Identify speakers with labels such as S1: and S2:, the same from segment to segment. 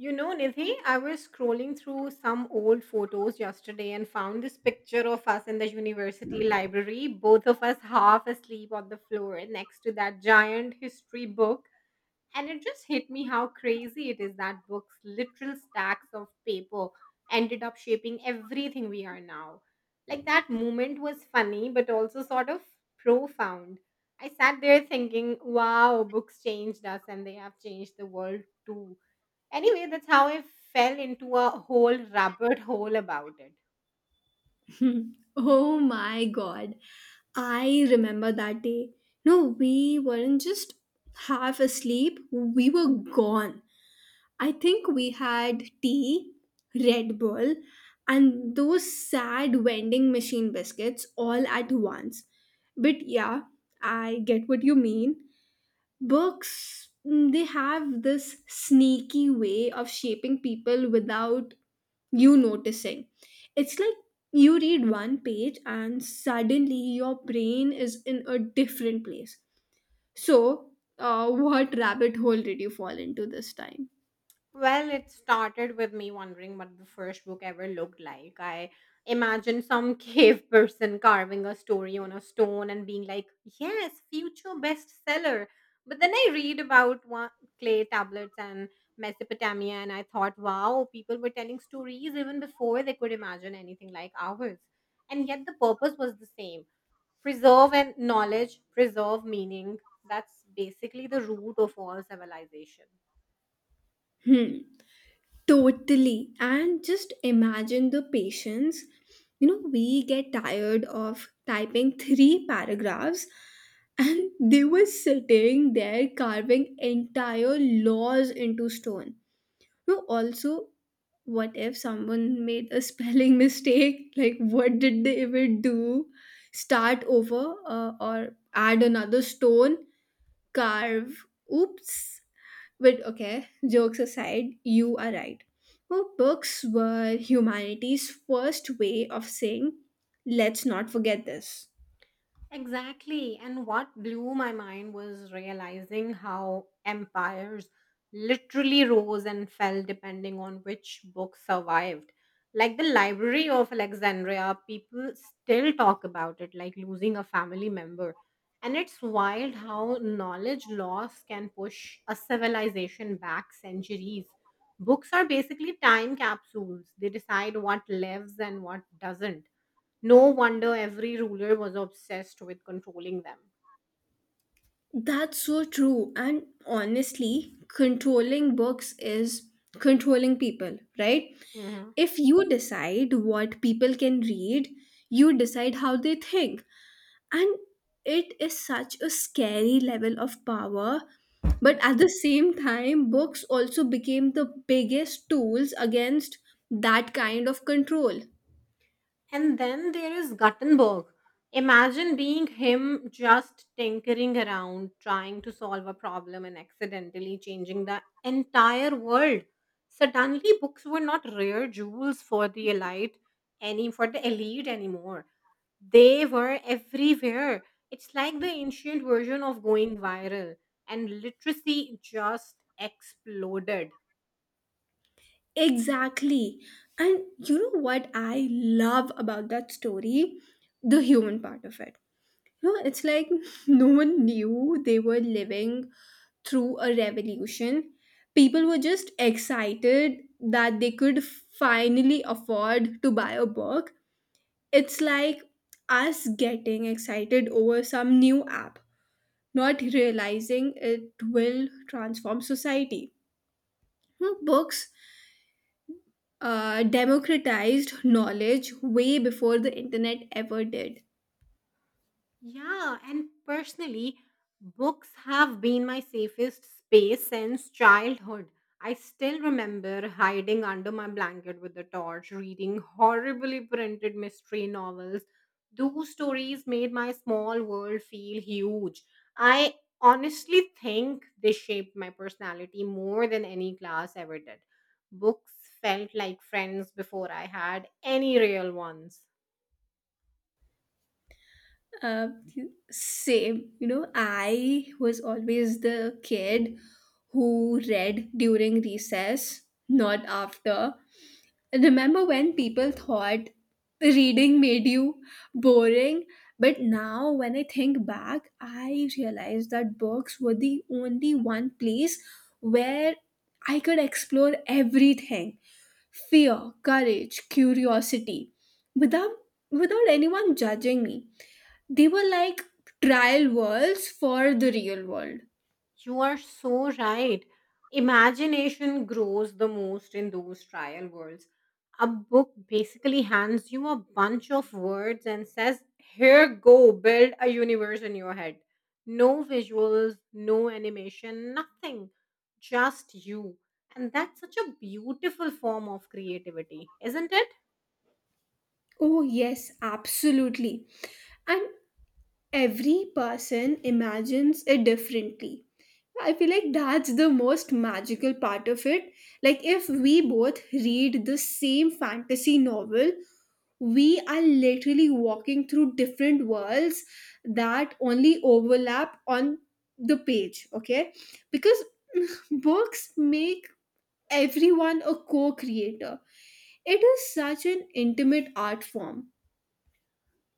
S1: You know, Nidhi, I was scrolling through some old photos yesterday and found this picture of us in the university library, both of us half asleep on the floor next to that giant history book. And it just hit me how crazy it is that books, literal stacks of paper, ended up shaping everything we are now. Like that moment was funny, but also sort of profound. I sat there thinking, wow, books changed us and they have changed the world too. Anyway, that's how I fell into a whole rabbit hole about it.
S2: Hmm. Oh my god. I remember that day. No, we weren't just half asleep, we were gone. I think we had tea, Red Bull, and those sad vending machine biscuits all at once. But yeah, I get what you mean. Books, they have this sneaky way of shaping people without you noticing. It's like you read one page and suddenly your brain is in a different place. So, what rabbit hole did you fall into this time?
S1: Well, it started with me wondering what the first book ever looked like. I imagined some cave person carving a story on a stone and being like, yes, future bestseller. But then I read about one, clay tablets and Mesopotamia, and I thought, wow, people were telling stories even before they could imagine anything like ours. And yet the purpose was the same, preserve and knowledge, preserve meaning that's basically the root of all civilization.
S2: Hmm. Totally. And just imagine the patience. You know, we get tired of typing three paragraphs and they were sitting there carving entire laws into stone. No, also, what if someone made a spelling mistake? Like, what did they even do? Start over, or add another stone? Carve? Oops. But okay, jokes aside, you are right. Well, books were humanity's first way of saying, let's not forget this.
S1: Exactly. And what blew my mind was realizing how empires literally rose and fell depending on which book survived. Like the Library of Alexandria, people still talk about it like losing a family member. And it's wild how knowledge loss can push a civilization back centuries. Books are basically time capsules, they decide what lives and what doesn't. No wonder every ruler was obsessed with controlling them.
S2: That's so true. And honestly, controlling books is controlling people, right?
S1: Hmm.
S2: If you decide what people can read, you decide how they think. And it is such a scary level of power. But at the same time, books also became the biggest tools against that kind of control.
S1: And then there is Gutenberg. Imagine being him just tinkering around, trying to solve a problem and accidentally changing the entire world. Suddenly, books were not rare jewels for the elite anymore. They were everywhere. It's like the ancient version of going viral, and literacy just exploded.
S2: Exactly. And you know what I love about that story? The human part of it. No, it's like no one knew they were living through a revolution. People were just excited that they could finally afford to buy a book. It's like us getting excited over some new app, not realizing it will transform society. No, books democratized knowledge way before the internet ever did.
S1: Yeah, and personally, books have been my safest space since childhood. I still remember hiding under my blanket with a torch, reading horribly printed mystery novels. Those stories made my small world feel huge. I honestly think they shaped my personality more than any class ever did. Books felt like friends before I had any real ones.
S2: uh, Same, you know, I was always the kid who read during recess, not after. Remember when people thought reading made you boring? But now when I think back, I realize that books were the only one place where I could explore everything, fear, courage, curiosity, without anyone judging me. They were like trial worlds for the real world.
S1: You are so right. Imagination grows the most in those trial worlds. A book basically hands you a bunch of words and says, here, go build a universe in your head. No visuals, no animation, nothing. Just you. And that's such a beautiful form of creativity, isn't it?
S2: Oh yes, absolutely. And every person imagines it differently. I feel like that's the most magical part of it. Like, if we both read the same fantasy novel, we are literally walking through different worlds that only overlap on the page, okay? Because books make everyone a co creator. It is such an intimate art form.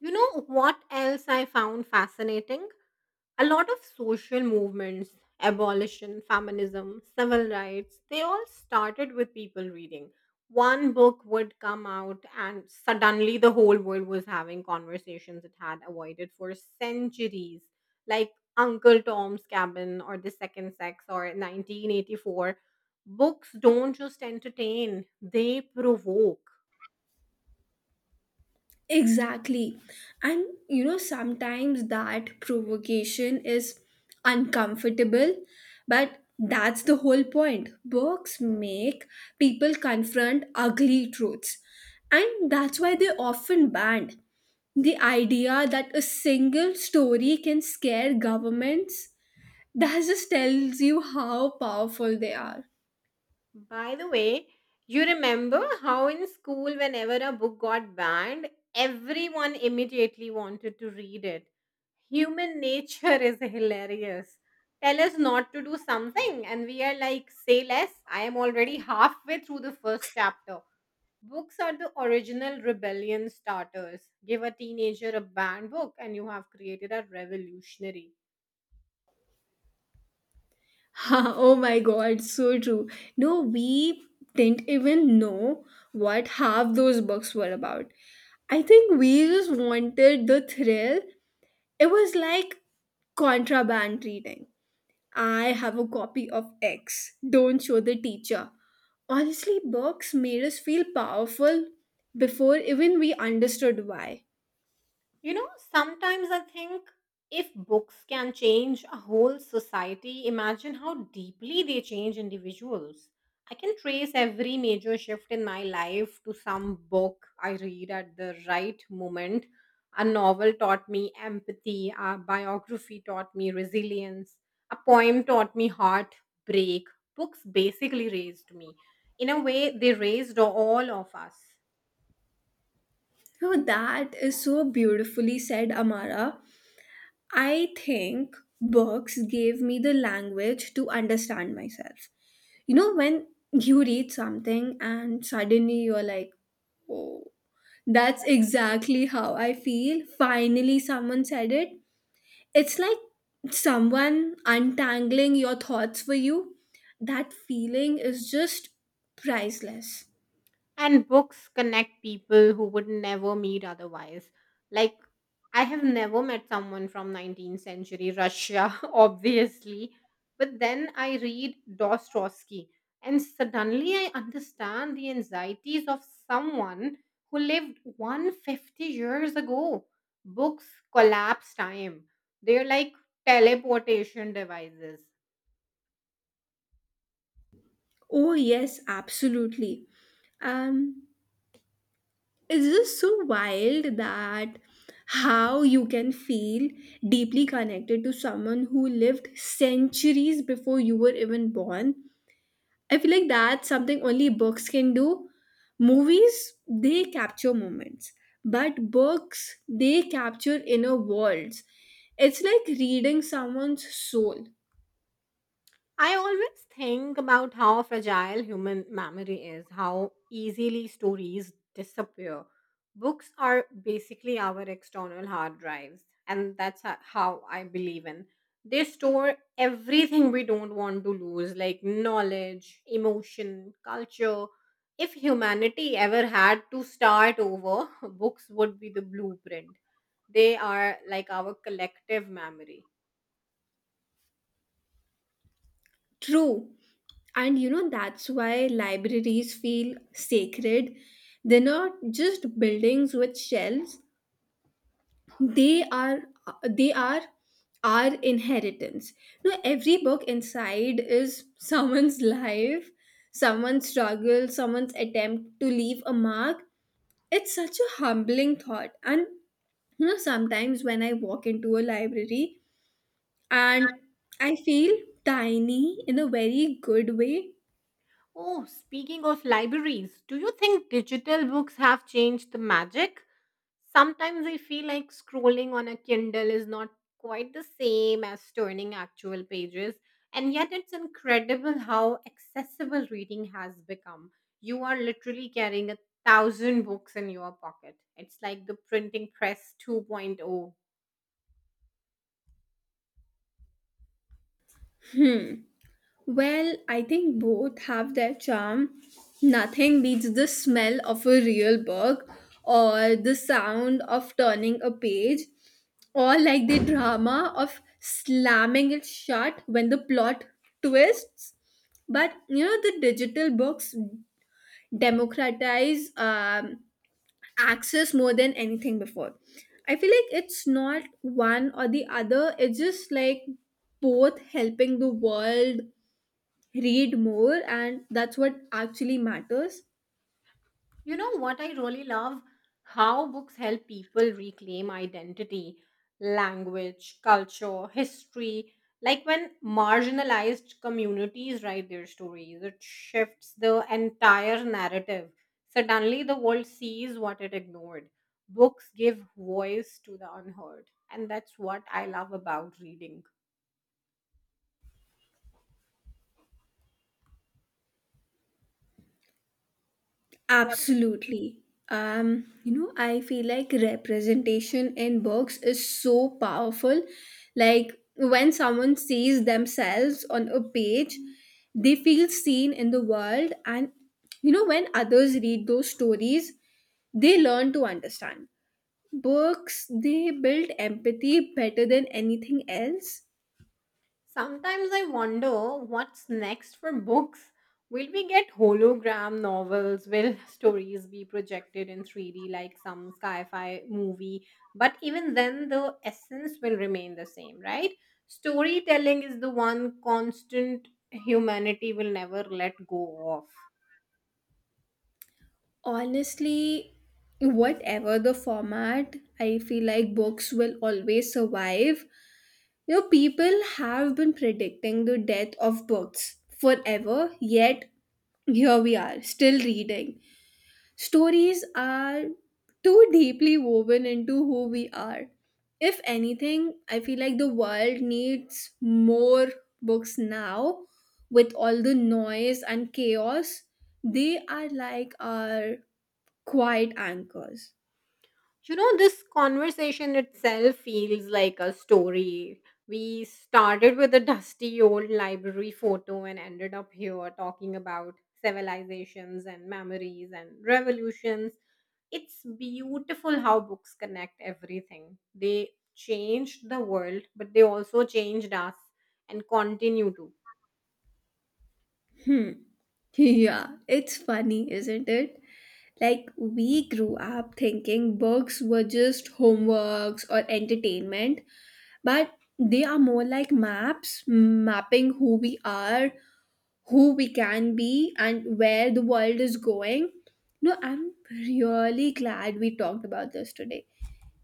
S1: You know what else I found fascinating? A lot of social movements, abolition, feminism, civil rights, they all started with people reading. One book would come out and suddenly the whole world was having conversations it had avoided for centuries, like Uncle Tom's Cabin or The Second Sex or 1984. Books don't just entertain, they provoke.
S2: Exactly. And you know, sometimes that provocation is uncomfortable, but that's the whole point. Books make people confront ugly truths, and that's why they often banned. The idea that a single story can scare governments, that just tells you how powerful they are.
S1: By the way, you remember how in school, whenever a book got banned, everyone immediately wanted to read it. Human nature is hilarious. Tell us not to do something, and we are like, say less. I am already halfway through the first chapter. Books are the original rebellion starters. Give a teenager a banned book, and you have created a revolutionary.
S2: Oh my god, so true. No, we didn't even know what half those books were about. I think we just wanted the thrill. It was like contraband reading. I have a copy of X. Don't show the teacher. Honestly, books made us feel powerful before even we understood why.
S1: You know, sometimes I think if books can change a whole society, imagine how deeply they change individuals. I can trace every major shift in my life to some book I read at the right moment. A novel taught me empathy, a biography taught me resilience, a poem taught me heartbreak. Books basically raised me. In a way, they raised all of us.
S2: Oh, that is so beautifully said, Amara. I think books gave me the language to understand myself. You know, when you read something and suddenly you're like, oh, that's exactly how I feel. Finally, someone said it. It's like someone untangling your thoughts for you. That feeling is just priceless.
S1: And books connect people who would never meet otherwise. Like, I have never met someone from 19th century Russia, obviously. But then I read Dostoevsky, and suddenly I understand the anxieties of someone who lived 150 years ago. Books collapse time, they're like teleportation devices.
S2: Oh, yes, absolutely. Um, it's just so wild that how you can feel deeply connected to someone who lived centuries before you were even born. I feel like that's something only books can do. Movies, they capture moments, but books, they capture inner worlds. It's like reading someone's soul.
S1: I always think about how fragile human memory is, how easily stories disappear. Books are basically our external hard drives, and that's how I believe in. They store everything we don't want to lose, like knowledge, emotion, culture. If humanity ever had to start over, books would be the blueprint. They are like our collective memory.
S2: True. And you know, that's why libraries feel sacred. They're not just buildings with shelves, they are they are our inheritance. No, every book inside is someone's life, someone's struggle, someone's attempt to leave a mark. It's such a humbling thought. And you know, sometimes when I walk into a library and I feel tiny in a very good way.
S1: Oh, speaking of libraries, do you think digital books have changed the magic? Sometimes I feel like scrolling on a Kindle is not quite the same as turning actual pages, and yet it's incredible how accessible reading has become. You are literally carrying a thousand books in your pocket. It's like the printing press 2.0.
S2: Hmm. Well, I think both have their charm. Nothing beats the smell of a real book or the sound of turning a page, or like the drama of slamming it shut when the plot twists. But you know, the digital books democratize access more than anything before. I feel like it's not one or the other, it's just like both helping the world read more, and that's what actually matters.
S1: You know what I really love? How books help people reclaim identity, language, culture, history. Like when marginalized communities write their stories, it shifts the entire narrative. Suddenly, the world sees what it ignored. Books give voice to the unheard. And that's what I love about reading.
S2: Absolutely. You know, I feel like representation in books is so powerful. Like when someone sees themselves on a page, they feel seen in the world. And you know, when others read those stories, they learn to understand. Books, they build empathy better than anything else.
S1: Sometimes I wonder what's next for books. Will we get hologram novels? Will stories be projected in 3D like some sci fi movie? But even then, the essence will remain the same, right? Storytelling is the one constant humanity will never let go of.
S2: Honestly, whatever the format, I feel like books will always survive. You know, people have been predicting the death of books forever, yet here we are, still reading. Stories are too deeply woven into who we are. If anything, I feel like the world needs more books now, with all the noise and chaos. They are like our quiet anchors.
S1: You know, this conversation itself feels like a story. We started with a dusty old library photo and ended up here talking about civilizations and memories and revolutions. It's beautiful how books connect everything. They changed the world, but they also changed us and continue to.
S2: Hmm. Yeah, it's funny, isn't it? Like, we grew up thinking books were just homeworks or entertainment, but they are more like maps, mapping who we are, who we can be, and where the world is going. No, I'm really glad we talked about this today.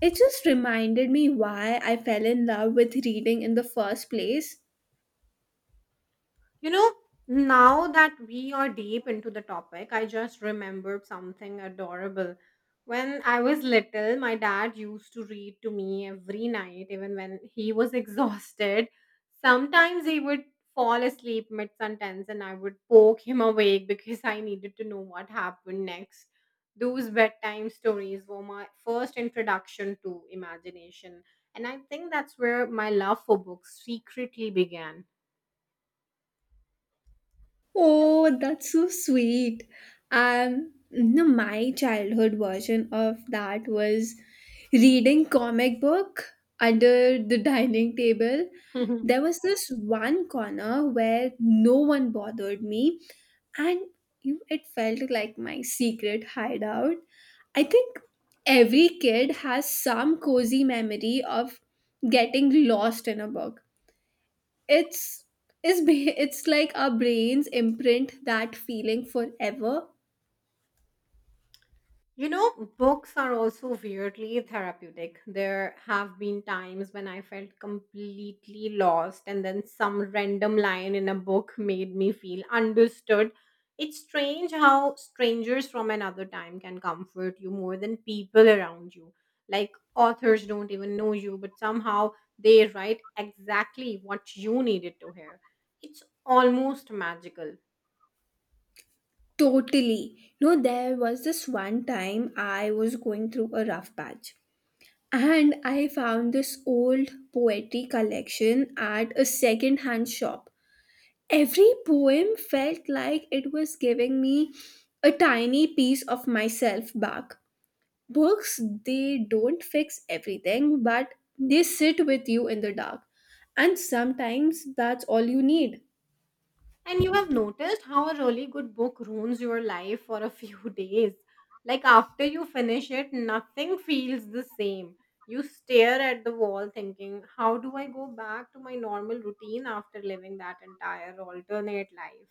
S2: It just reminded me why I fell in love with reading in the first place.
S1: You know, now that we are deep into the topic, I just remembered something adorable. When I was little, my dad used to read to me every night, even when he was exhausted. Sometimes he would fall asleep mid sentence and I would poke him awake because I needed to know what happened next. Those bedtime stories were my first introduction to imagination. And I think that's where my love for books secretly began.
S2: Oh, that's so sweet. No, my childhood version of that was reading comic book under the dining table. There was this one corner where no one bothered me, and you it felt like my secret hideout. I think every kid has some cozy memory of getting lost in a book. It's it's ba- it's like our brains imprint that feeling forever.
S1: You know, books are also weirdly therapeutic. There have been times when I felt completely lost, and then some random line in a book made me feel understood. It's strange how strangers from another time can comfort you more than people around you. Like authors don't even know you, but somehow they write exactly what you needed to hear. It's almost magical.
S2: Totally. No, there was this one time I was going through a rough patch, and I found this old poetry collection at a second hand shop. Every poem felt like it was giving me a tiny piece of myself back. Books, they don't fix everything, but they sit with you in the dark. And sometimes that's all you need.
S1: And you have noticed how a really good book ruins your life for a few days. Like after you finish it, nothing feels the same. You stare at the wall thinking, how do I go back to my normal routine after living that entire alternate life?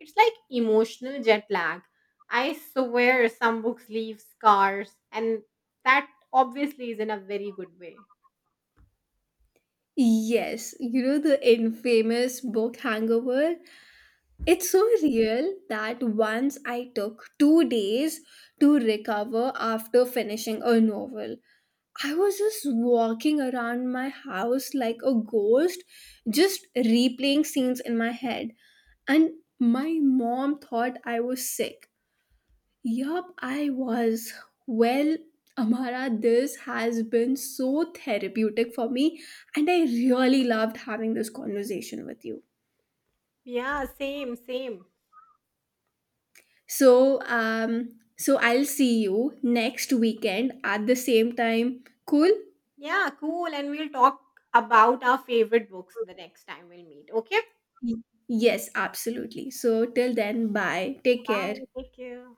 S1: It's like emotional jet lag. I swear some books leave scars, and that obviously is in a very good way.
S2: Yes, you know the infamous book hangover? It's so real that once I took 2 days to recover after finishing a novel. I was just walking around my house like a ghost, just replaying scenes in my head. And my mom thought I was sick. Yup, I was. Well, Amara, this has been so therapeutic for me, and I really loved having this conversation with you.
S1: Yeah, same, same.
S2: So, um, so I'll see you next weekend at the same time. Cool?
S1: Yeah, cool. And we'll talk about our favorite books the next time we'll meet. Okay?
S2: Y- Yes, absolutely. So, till then, bye. Take care.
S1: Bye. Take care.